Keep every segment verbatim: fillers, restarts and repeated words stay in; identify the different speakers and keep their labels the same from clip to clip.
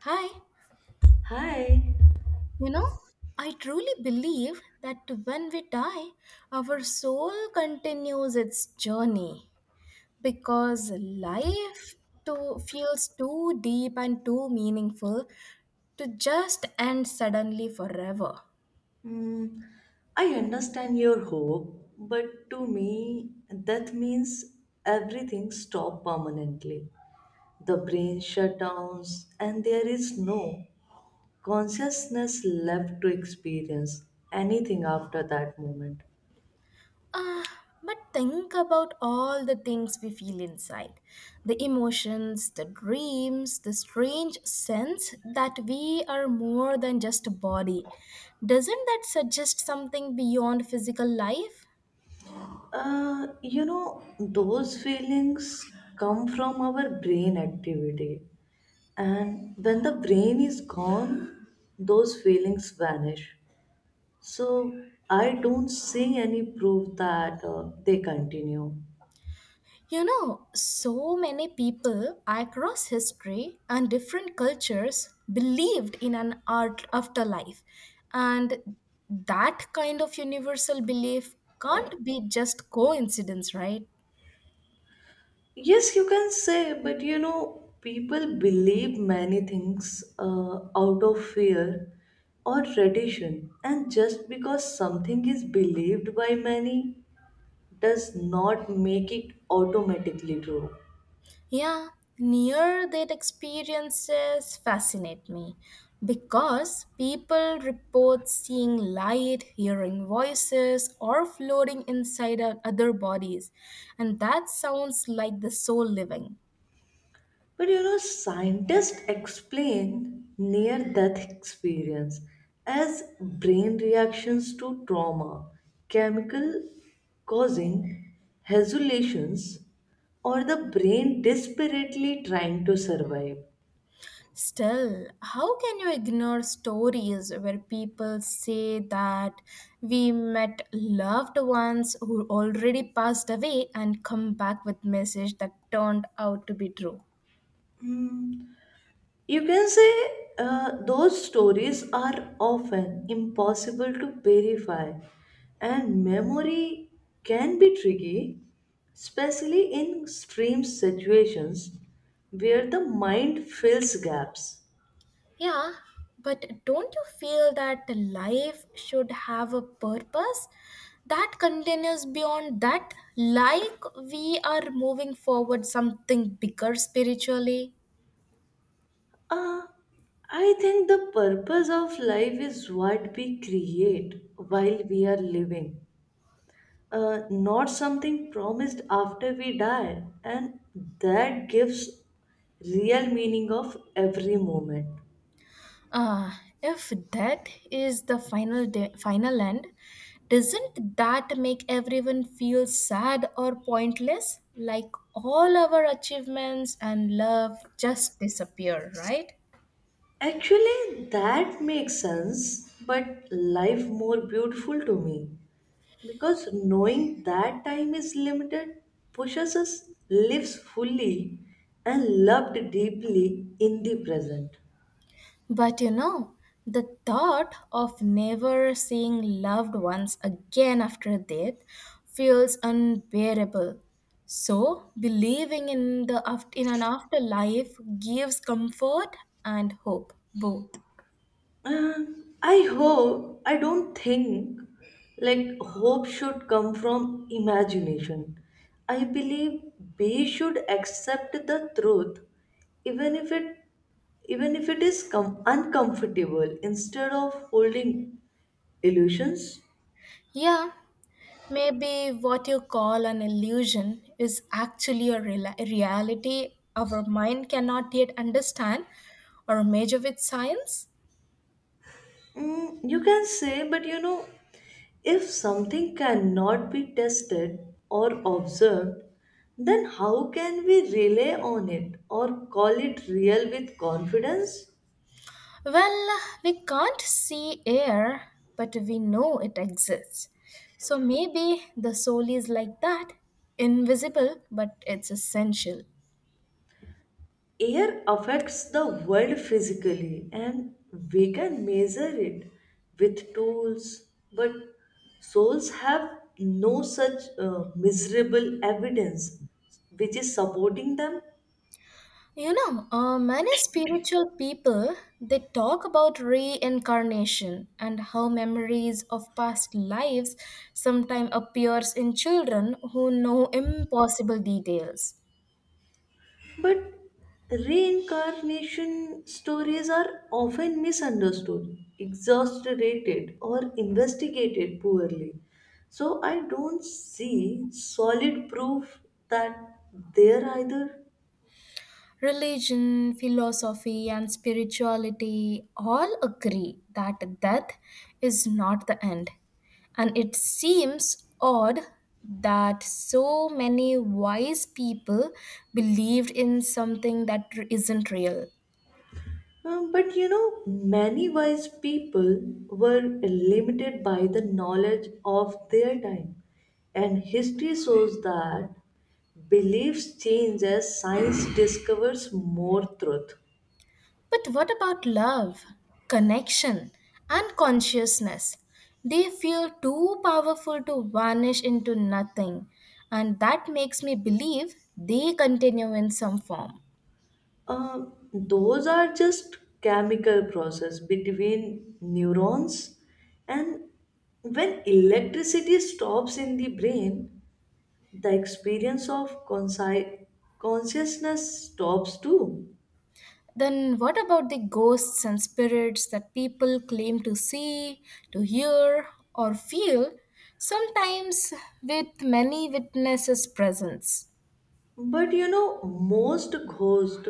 Speaker 1: Hi,
Speaker 2: Hi.
Speaker 1: you know, I truly believe that when we die, our soul continues its journey because life too feels too deep and too meaningful to just end suddenly forever.
Speaker 2: Mm, I understand your hope, but to me, that means everything stops permanently. The brain shut downs, and there is no consciousness left to experience anything after that moment.
Speaker 1: Ah, but think about all the things we feel inside the emotions, the dreams, the strange sense that we are more than just a body. Doesn't that suggest something beyond physical life?
Speaker 2: Uh, you know, those feelings come from our brain activity, and when the brain is gone, those feelings vanish. So I don't see any proof that uh, they continue.
Speaker 1: You know, so many people across history and different cultures believed in an art afterlife, and that kind of universal belief can't be just coincidence, right?
Speaker 2: Yes, you can say, but you know, people believe many things uh, out of fear or tradition, and just because something is believed by many does not make it automatically true.
Speaker 1: Yeah, near death experiences fascinate me because people report seeing light, hearing voices, or floating inside o- other bodies, and that sounds like the soul living.
Speaker 2: But you know, scientists explain near death experience as brain reactions to trauma, chemical causing hallucinations, or the brain desperately trying to survive.
Speaker 1: Still, how can you ignore stories where people say that we met loved ones who already passed away and come back with message that turned out to be true?
Speaker 2: Hmm, You can say uh, those stories are often impossible to verify, and memory can be tricky, especially in extreme situations where the mind fills gaps.
Speaker 1: Yeah, but don't you feel that life should have a purpose that continues beyond that? Like we are moving forward something bigger spiritually?
Speaker 2: Uh, I think the purpose of life is what we create while we are living, uh, not something promised after we die, and that gives real meaning of every moment.
Speaker 1: Uh, if death is the final day, final end, doesn't that make everyone feel sad or pointless? Like all our achievements and love just disappear, right?
Speaker 2: Actually, that makes sense, but life more beautiful to me because knowing that time is limited pushes us lives fully and loved deeply in the present.
Speaker 1: But you know, the thought of never seeing loved ones again after death feels unbearable. So, believing in the aft- in an afterlife gives comfort and hope both.
Speaker 2: Uh, I hope, I don't think like hope should come from imagination. I believe we should accept the truth even if it even if it is com- uncomfortable instead of holding illusions.
Speaker 1: Yeah, maybe what you call an illusion is actually a real reality our mind cannot yet understand or measure with science.
Speaker 2: Mm, you can say, but you know, if something cannot be tested or observed, then how can we rely on it or call it real with confidence?
Speaker 1: Well, we can't see air, but we know it exists. So maybe the soul is like that, invisible, but it's essential.
Speaker 2: Air affects the world physically, and we can measure it with tools, but souls have no such uh, miserable evidence which is supporting them.
Speaker 1: You know, uh, many spiritual people they talk about reincarnation and how memories of past lives sometimes appears in children who know impossible details.
Speaker 2: But reincarnation stories are often misunderstood, exaggerated, or investigated poorly. So I don't see solid proof that they're either.
Speaker 1: Religion, philosophy, and spirituality all agree that death is not the end. And it seems odd that so many wise people believed in something that isn't real.
Speaker 2: Um, but you know, many wise people were limited by the knowledge of their time, and history shows that beliefs change as science discovers more truth.
Speaker 1: But what about love, connection, and consciousness? They feel too powerful to vanish into nothing, and that makes me believe they continue in some form.
Speaker 2: Um, those are just chemical process between neurons, and when electricity stops in the brain the experience of consci- consciousness stops too.
Speaker 1: Then, what about the ghosts and spirits that people claim to see, to hear, or feel, sometimes with many witnesses' presence?
Speaker 2: But you know, most ghost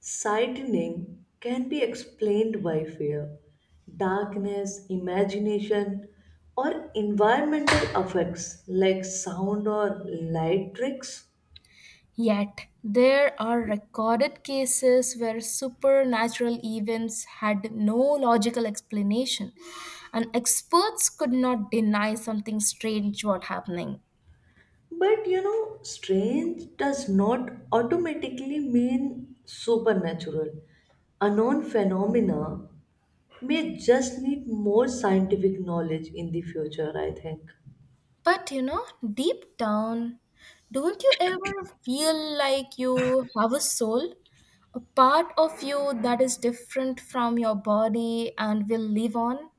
Speaker 2: sightning can be explained by fear, darkness, imagination, or environmental effects like sound or light tricks.
Speaker 1: Yet, there are recorded cases where supernatural events had no logical explanation, and experts could not deny something strange was happening.
Speaker 2: But you know, strange does not automatically mean supernatural. A known phenomena may just need more scientific knowledge in the future, I think.
Speaker 1: But you know, Deep down, don't you ever feel like you have a soul? A part of you that is different from your body and will live on?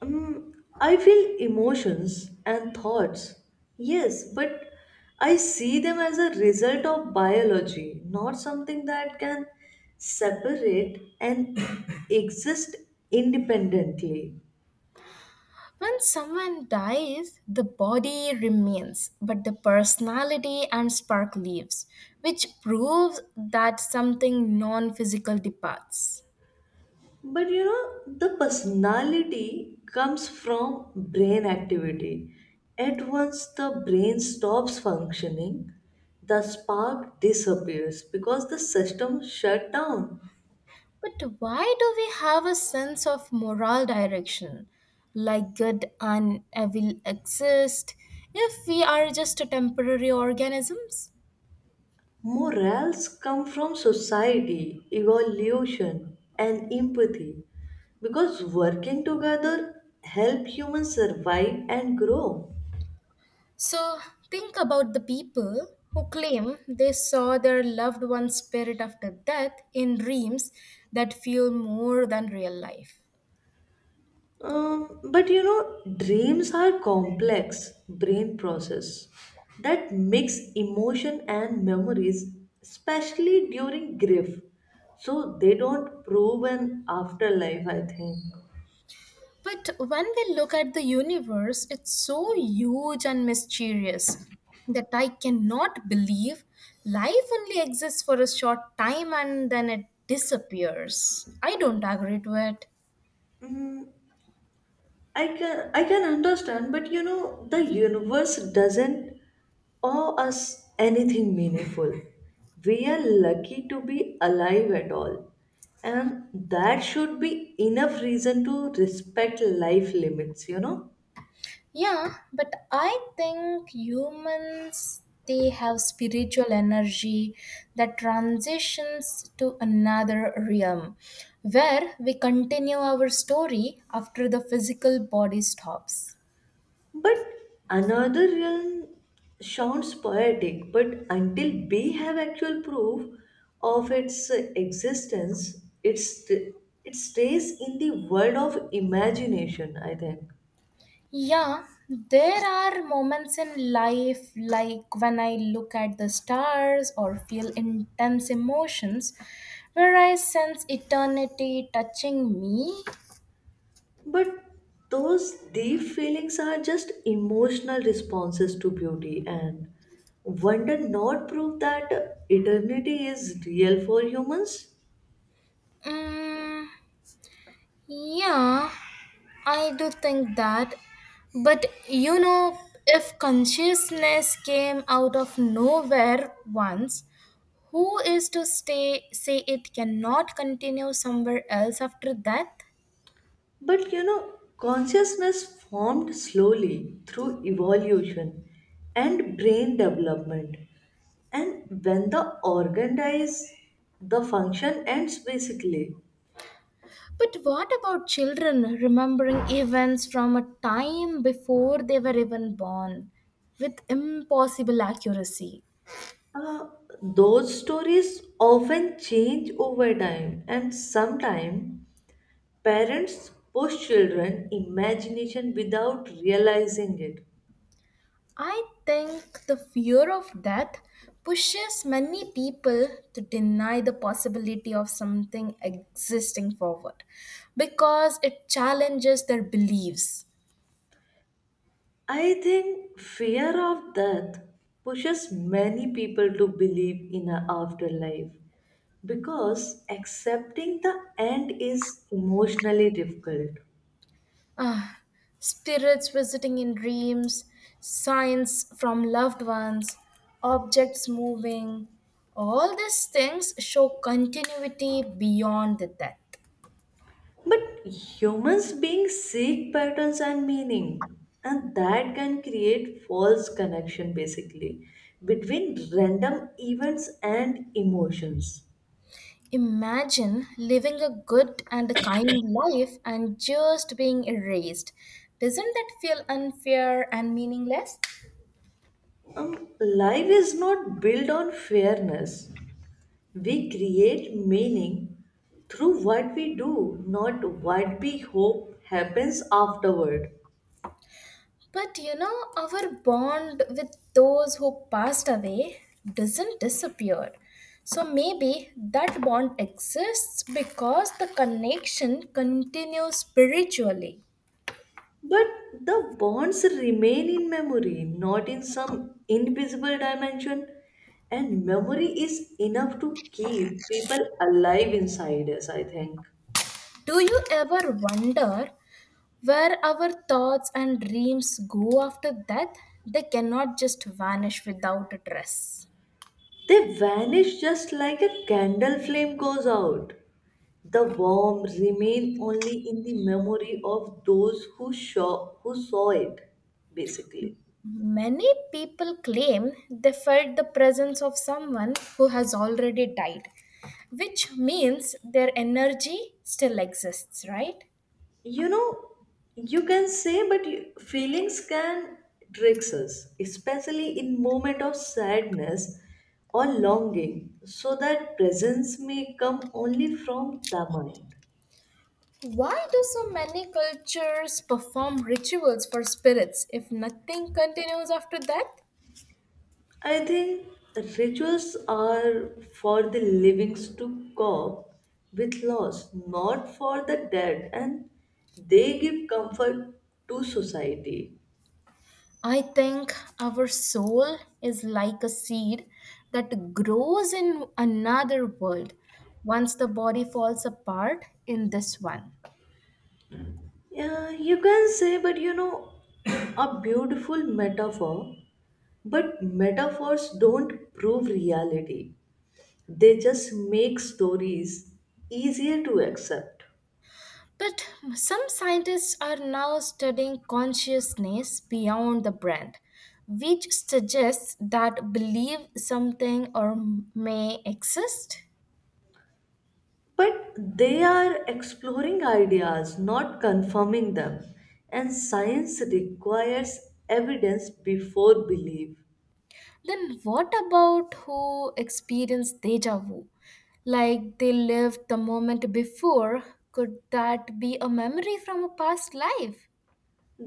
Speaker 2: Um, I feel emotions and thoughts, yes, but I see them as a result of biology, not something that can separate and exist independently.
Speaker 1: When someone dies, the body remains, but the personality and spark leaves, which proves that something non physical departs.
Speaker 2: But you know, the personality comes from brain activity. At once the brain stops functioning, the spark disappears because the system shut down.
Speaker 1: But why do we have a sense of moral direction? Like good and evil exist if we are just temporary organisms?
Speaker 2: Morals come from society, evolution, and empathy because working together help humans survive and grow.
Speaker 1: So think about the people who claim they saw their loved one's spirit after death in dreams that feel more than real life.
Speaker 2: Um, but you know, dreams are complex brain process that mix emotion and memories, especially during grief. So they don't prove an afterlife, I think.
Speaker 1: But when we look at the universe, it's so huge and mysterious that I cannot believe life only exists for a short time and then it disappears. I don't agree to it.
Speaker 2: Mm, I can I can understand, but you know the universe doesn't owe us anything meaningful. We are lucky to be alive at all, and that should be enough reason to respect life limits, you know.
Speaker 1: Yeah, but I think humans they have spiritual energy that transitions to another realm where we continue our story after the physical body stops.
Speaker 2: But another realm sounds poetic, but until we have actual proof of its existence, it's it stays in the world of imagination. I think.
Speaker 1: Yeah, there are moments in life like when I look at the stars or feel intense emotions where I sense eternity touching me.
Speaker 2: But those deep feelings are just emotional responses to beauty, and wonder not prove that eternity is real for humans.
Speaker 1: Mm, yeah, I do think that. But you know, if consciousness came out of nowhere once, who is to stay say it cannot continue somewhere else after death?
Speaker 2: But you know, consciousness formed slowly through evolution and brain development. And when the organ dies, the function ends basically.
Speaker 1: But what about children remembering events from a time before they were even born with impossible accuracy?
Speaker 2: Uh, those stories often change over time, and sometimes parents push children imagination without realizing it.
Speaker 1: I think the fear of death pushes many people to deny the possibility of something existing forward because it challenges their beliefs.
Speaker 2: I think fear of death pushes many people to believe in an afterlife because accepting the end is emotionally difficult.
Speaker 1: Ah, Spirits visiting in dreams, signs from loved ones, objects moving. All these things show continuity beyond the death.
Speaker 2: But humans being seek patterns and meaning, and that can create false connection basically between random events and emotions.
Speaker 1: Imagine living a good and a kind life and just being erased. Doesn't that feel unfair and meaningless?
Speaker 2: Um, life is not built on fairness. We create meaning through what we do, not what we hope happens afterward.
Speaker 1: But you know, our bond with those who passed away doesn't disappear. So maybe that bond exists because the connection continues spiritually.
Speaker 2: But the bonds remain in memory, not in some invisible dimension. And memory is enough to keep people alive inside us, I think.
Speaker 1: Do you ever wonder where our thoughts and dreams go after death? They cannot just vanish without a trace.
Speaker 2: They vanish just like a candle flame goes out. The worm remain only in the memory of those who saw who saw it, basically.
Speaker 1: Many people claim they felt the presence of someone who has already died, which means their energy still exists, right?
Speaker 2: You know, you can say, but you, feelings can tricks us, especially in moment of sadness or longing, so that presence may come only from the mind.
Speaker 1: Why do so many cultures perform rituals for spirits if nothing continues after death?
Speaker 2: I think rituals are for the living to cope with loss, not for the dead, and they give comfort to society.
Speaker 1: I think our soul is like a seed that grows in another world once the body falls apart in this one.
Speaker 2: Yeah, you can say, but you know, a beautiful metaphor, but metaphors don't prove reality, they just make stories easier to accept.
Speaker 1: But some scientists are now studying consciousness beyond the brain, which suggests that belief something or may exist.
Speaker 2: But they are exploring ideas, not confirming them. And science requires evidence before belief.
Speaker 1: Then what about who experience deja vu? Like they lived the moment before, could that be a memory from a past life?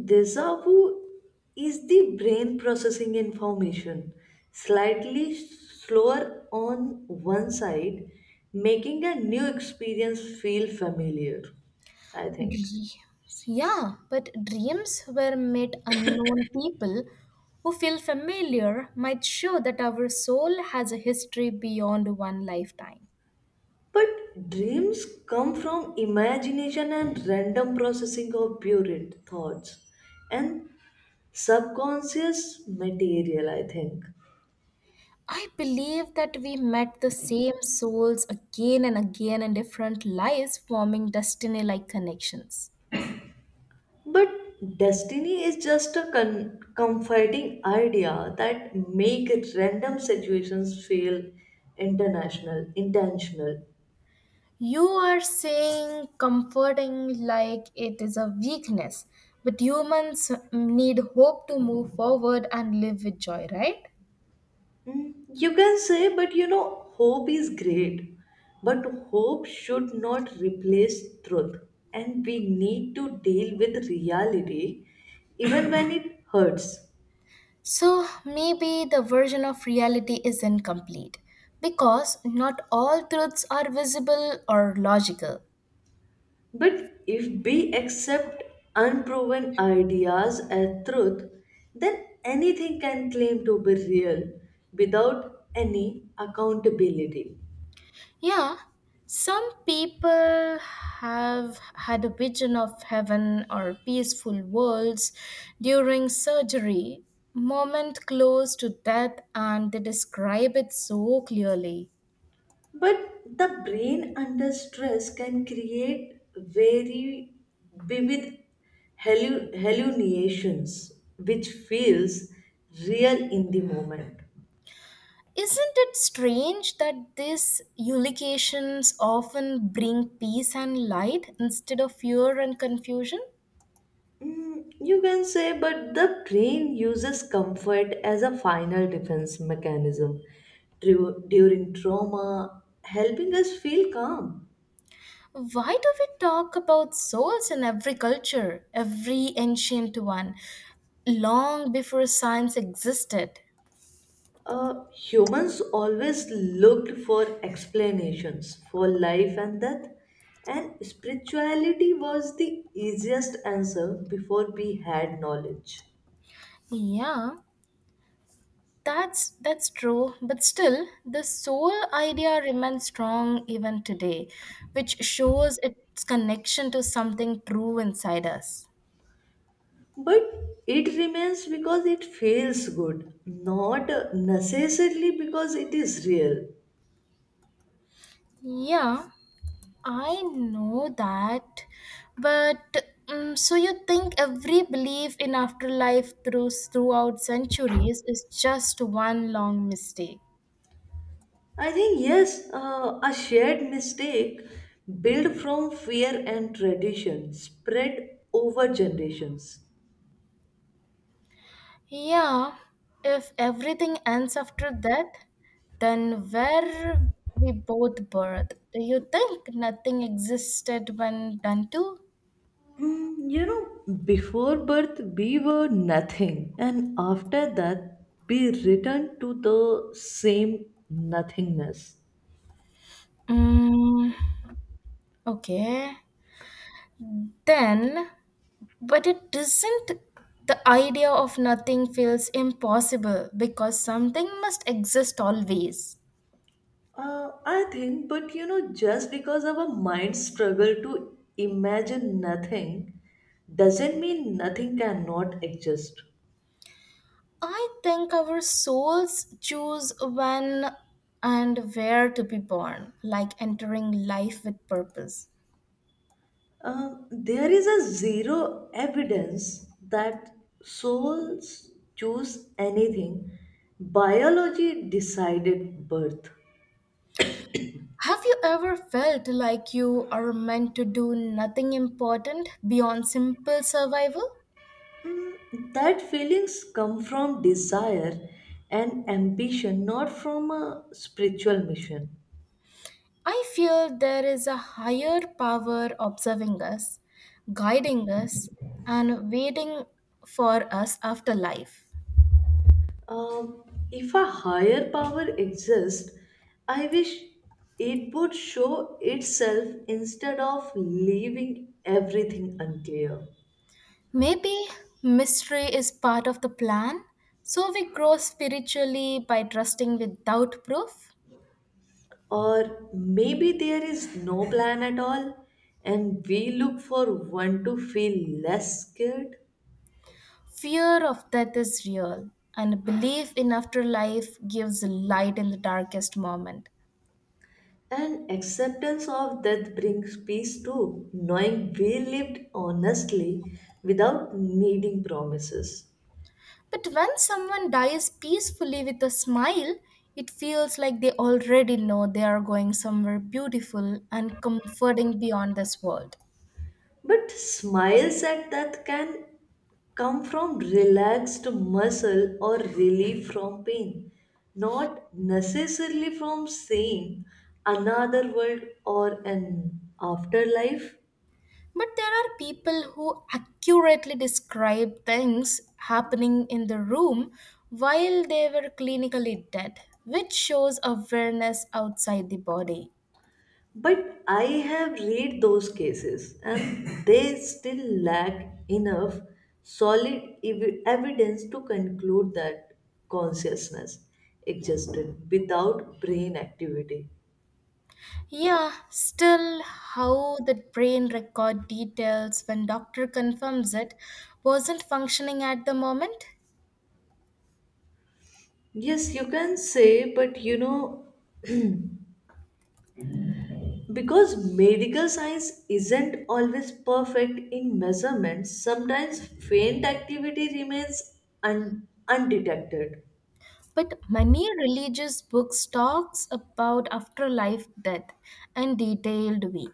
Speaker 2: Deja vu is the brain processing information slightly slower on one side, making a new experience feel familiar, I think.
Speaker 1: Dreams. Yeah, but dreams where met unknown people who feel familiar might show that our soul has a history beyond one lifetime.
Speaker 2: But dreams come from imagination and random processing of buried thoughts, and subconscious material, I think.
Speaker 1: I believe that we met the same souls again and again in different lives, forming destiny like connections.
Speaker 2: But destiny is just a con- comforting idea that make random situations feel international, intentional.
Speaker 1: You are saying comforting like it is a weakness, but humans need hope to move forward and live with joy, right?
Speaker 2: Mm, you can say, but you know, hope is great. But hope should not replace truth. And we need to deal with reality even when it hurts.
Speaker 1: So maybe the version of reality is incomplete because not all truths are visible or logical.
Speaker 2: But if we accept unproven ideas as truth, then anything can claim to be real without any accountability.
Speaker 1: Yeah, some people have had a vision of heaven or peaceful worlds during surgery, moment close to death, and they describe it so clearly.
Speaker 2: But the brain under stress can create very vivid hallu- hallucinations, which feels real in the moment.
Speaker 1: Isn't it strange that these eulogiations often bring peace and light instead of fear and confusion?
Speaker 2: Mm, you can say, but the brain uses comfort as a final defense mechanism Dru- during trauma, helping us feel calm.
Speaker 1: Why do we talk about souls in every culture, every ancient one, long before science existed?
Speaker 2: Uh, humans always looked for explanations for life and death, and spirituality was the easiest answer before we had knowledge.
Speaker 1: Yeah, that's that's true, but still the soul idea remains strong even today, which shows its connection to something true inside us.
Speaker 2: But it remains because it feels good, not necessarily because it is real.
Speaker 1: Yeah, I know that, but um, so you think every belief in afterlife through throughout centuries is just one long mistake?
Speaker 2: I think yes, uh, a shared mistake built from fear and tradition spread over generations.
Speaker 1: Yeah, if everything ends after death, then where we both birth? Do you think nothing existed when done to?
Speaker 2: Mm, you know, before birth we were nothing, and after that we return to the same nothingness.
Speaker 1: Mm, okay. Then But It doesn't, the idea of nothing feels impossible because something must exist always.
Speaker 2: Uh, I think, but you know, just because our minds struggle to imagine nothing doesn't mean nothing cannot exist.
Speaker 1: I think our souls choose when and where to be born, like entering life with purpose.
Speaker 2: Um, there is a zero evidence that souls choose anything. Biology decided birth.
Speaker 1: Have you ever felt like you are meant to do nothing important beyond simple survival?
Speaker 2: That feelings come from desire and ambition, not from a spiritual mission.
Speaker 1: I fear there is a higher power observing us, guiding us, and waiting for us after life.
Speaker 2: Um, if a higher power exists, I wish it would show itself instead of leaving everything unclear.
Speaker 1: Maybe mystery is part of the plan, so we grow spiritually by trusting without proof.
Speaker 2: Or maybe there is no plan at all, and we look for one to feel less scared.
Speaker 1: Fear of death is real, and belief in afterlife gives light in the darkest moment.
Speaker 2: And acceptance of death brings peace too, knowing we lived honestly without needing promises.
Speaker 1: But when someone dies peacefully with a smile, it feels like they already know they are going somewhere beautiful and comforting beyond this world.
Speaker 2: But smiles at death can come from relaxed muscle or relief from pain, not necessarily from seeing another world or an afterlife.
Speaker 1: But there are people who accurately describe things happening in the room while they were clinically dead, which shows awareness outside the body.
Speaker 2: But I have read those cases and they still lack enough solid ev- evidence to conclude that consciousness existed without brain activity.
Speaker 1: Yeah, still, how the brain record details when doctor confirms it wasn't functioning at the moment.
Speaker 2: Yes, you can say, but you know, because medical science isn't always perfect in measurements, sometimes faint activity remains un- undetected.
Speaker 1: But many religious books talks about afterlife death in detailed way.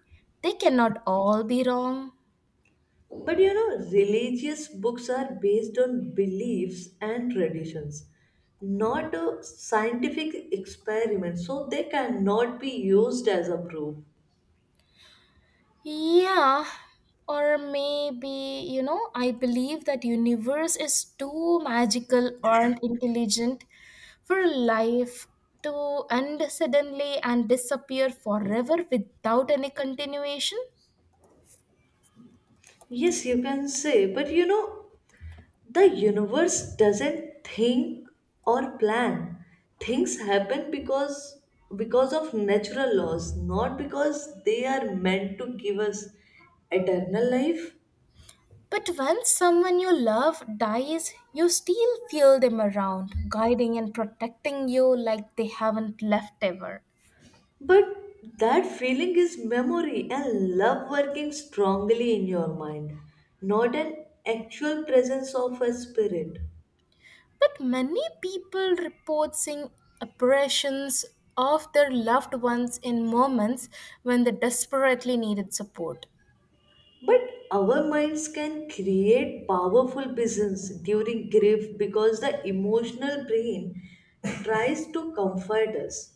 Speaker 1: They cannot all be wrong.
Speaker 2: But you know, religious books are based on beliefs and traditions, not a scientific experiment, so they cannot be used as a proof.
Speaker 1: Yeah, or maybe, you know, I believe that universe is too magical or intelligent for life to end suddenly and disappear forever without any continuation.
Speaker 2: Yes, you can say, but you know, the universe doesn't think or plan. Things happen because because of natural laws, not because they are meant to give us eternal life.
Speaker 1: But when someone you love dies, you still feel them around, guiding and protecting you like they haven't left ever.
Speaker 2: But that feeling is memory and love working strongly in your mind, not an actual presence of a spirit.
Speaker 1: But many people report seeing apparitions of their loved ones in moments when they desperately needed support.
Speaker 2: But our minds can create powerful visions during grief because the emotional brain tries to comfort us.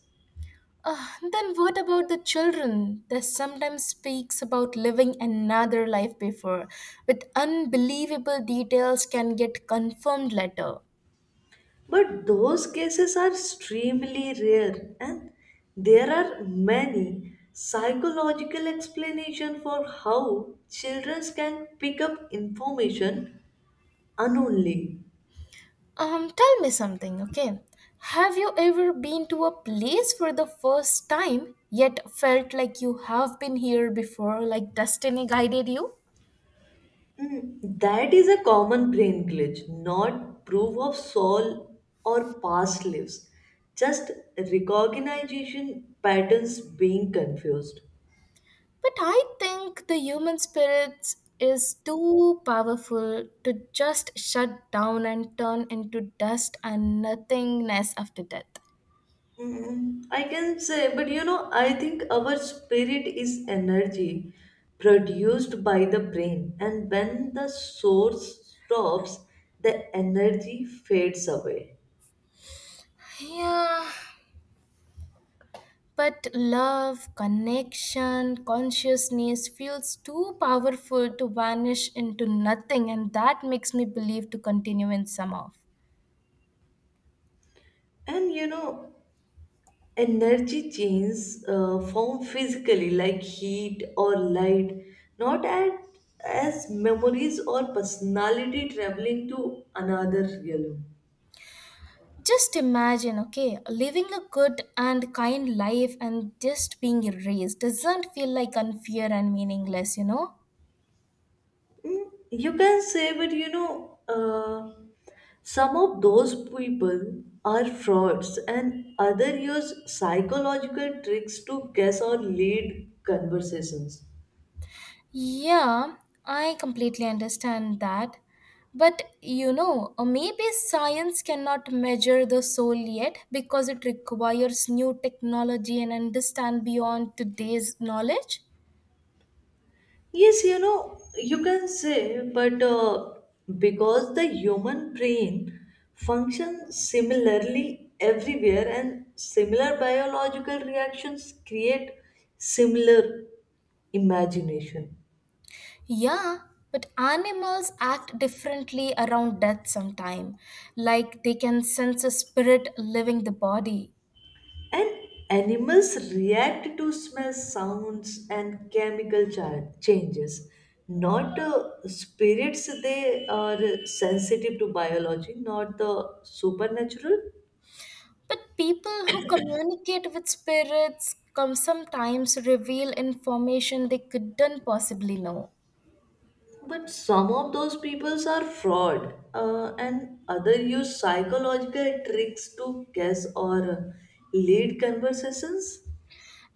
Speaker 1: Ah, then what about the children that sometimes speaks about living another life before with unbelievable details can get confirmed later.
Speaker 2: But those cases are extremely rare, and there are many psychological explanations for how children can pick up information unknowingly.
Speaker 1: Um, tell me something, okay? Have you ever been to a place for the first time, yet felt like you have been here before, like destiny guided you?
Speaker 2: Mm, That is a common brain glitch, not proof of soul or past lives, just recognition patterns being confused.
Speaker 1: But I think the human spirit is too powerful to just shut down and turn into dust and nothingness after death.
Speaker 2: Mm, I can say, but you know, I think our spirit is energy produced by the brain, and when the source stops, the energy fades away.
Speaker 1: Yeah, but love, connection, consciousness feels too powerful to vanish into nothing, and that makes me believe to continue in some of.
Speaker 2: And you know, energy changes uh, form physically, like heat or light, not at, as memories or personality traveling to another realm.
Speaker 1: Just imagine, okay, living a good and kind life and just being erased doesn't feel like unfair and meaningless, you know?
Speaker 2: Mm, You can say, but you know, uh, some of those people are frauds and other use psychological tricks to guess or lead conversations.
Speaker 1: Yeah, I completely understand that. But you know, uh, maybe science cannot measure the soul yet because it requires new technology and understand beyond today's knowledge.
Speaker 2: Yes, you know, you can say, but uh, because the human brain functions similarly everywhere and similar biological reactions create similar imagination.
Speaker 1: Yeah, but animals act differently around death sometime, like they can sense a spirit leaving the body.
Speaker 2: And animals react to smell, sounds, and chemical cha- changes. Not uh, spirits, they are sensitive to biology, not the supernatural.
Speaker 1: But people who communicate with spirits come sometimes reveal information they couldn't possibly know.
Speaker 2: But some of those peoples are fraud, uh, and other use psychological tricks to guess or lead conversations.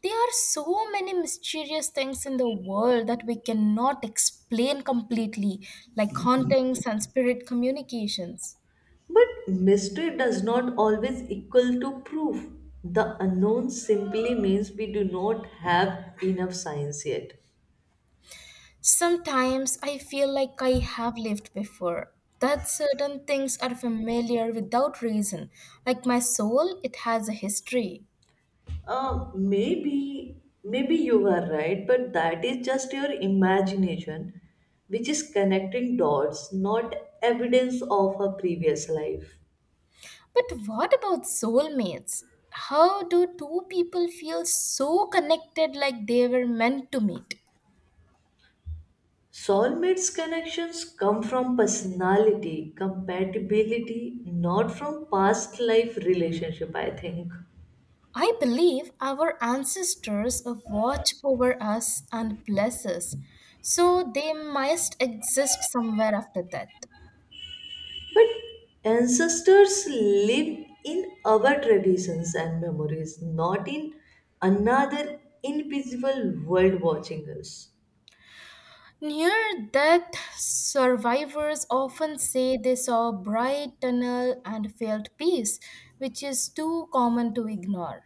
Speaker 1: There are so many mysterious things in the world that we cannot explain completely, like hauntings and spirit communications.
Speaker 2: But mystery does not always equal to proof. The unknown simply means we do not have enough science yet.
Speaker 1: Sometimes I feel like I have lived before, that certain things are familiar without reason, like my soul, it has a history.
Speaker 2: Uh, maybe, maybe you are right, but that is just your imagination, which is connecting dots, not evidence of her previous life.
Speaker 1: But what about soulmates? How do two people feel so connected like they were meant to meet?
Speaker 2: Soulmates connections come from personality, compatibility, not from past life relationship, I think.
Speaker 1: I believe our ancestors watch over us and bless us, so they must exist somewhere after death.
Speaker 2: But ancestors live in our traditions and memories, not in another invisible world watching us.
Speaker 1: Near death, survivors often say they saw bright tunnel and felt peace, which is too common to ignore.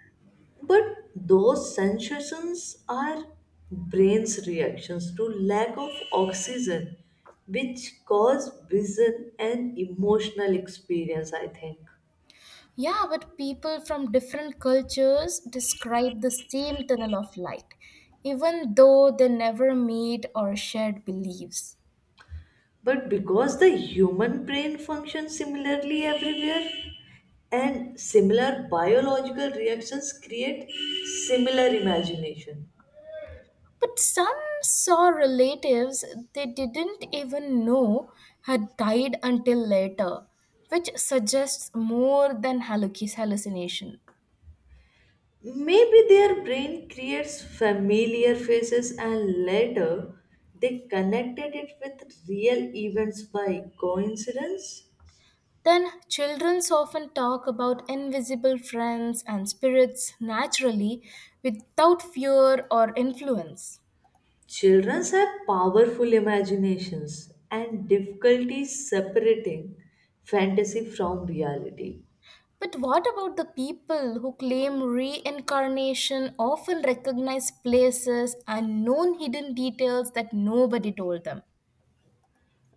Speaker 2: But those sensations are brain's reactions to lack of oxygen, which cause vision and emotional experience, I think.
Speaker 1: Yeah, but people from different cultures describe the same tunnel of light, even though they never meet or shared beliefs.
Speaker 2: But because the human brain functions similarly everywhere, and similar biological reactions create similar imagination.
Speaker 1: But some saw relatives they didn't even know had died until later, which suggests more than halluc- hallucination.
Speaker 2: Maybe their brain creates familiar faces and later they connected it with real events by coincidence.
Speaker 1: Then, children often talk about invisible friends and spirits naturally without fear or influence.
Speaker 2: Children have powerful imaginations and difficulty separating fantasy from reality.
Speaker 1: But what about the people who claim reincarnation often recognize places and known hidden details that nobody told them?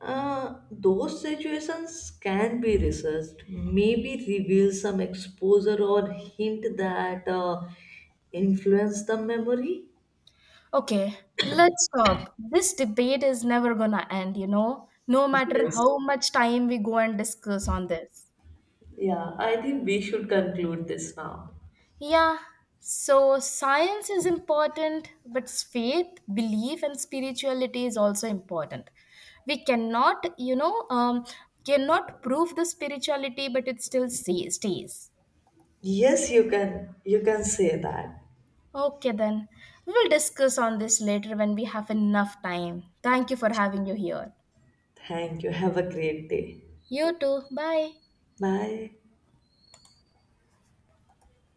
Speaker 2: Uh, those situations can be researched, maybe reveal some exposure or hint that uh, influence the memory.
Speaker 1: Okay, let's stop. This debate is never gonna end, you know, no matter
Speaker 2: Yes.
Speaker 1: how much time we go and discuss on this.
Speaker 2: Yeah, I think we should conclude this now.
Speaker 1: Yeah, so science is important, but faith, belief, and spirituality is also important. We cannot, you know, um, cannot prove the spirituality, but it still stays. stays.
Speaker 2: Yes, you can. You can say that.
Speaker 1: Okay, then we will discuss on this later when we have enough time. Thank you for having you here.
Speaker 2: Thank you. Have a great day.
Speaker 1: You too. Bye.
Speaker 2: Bye.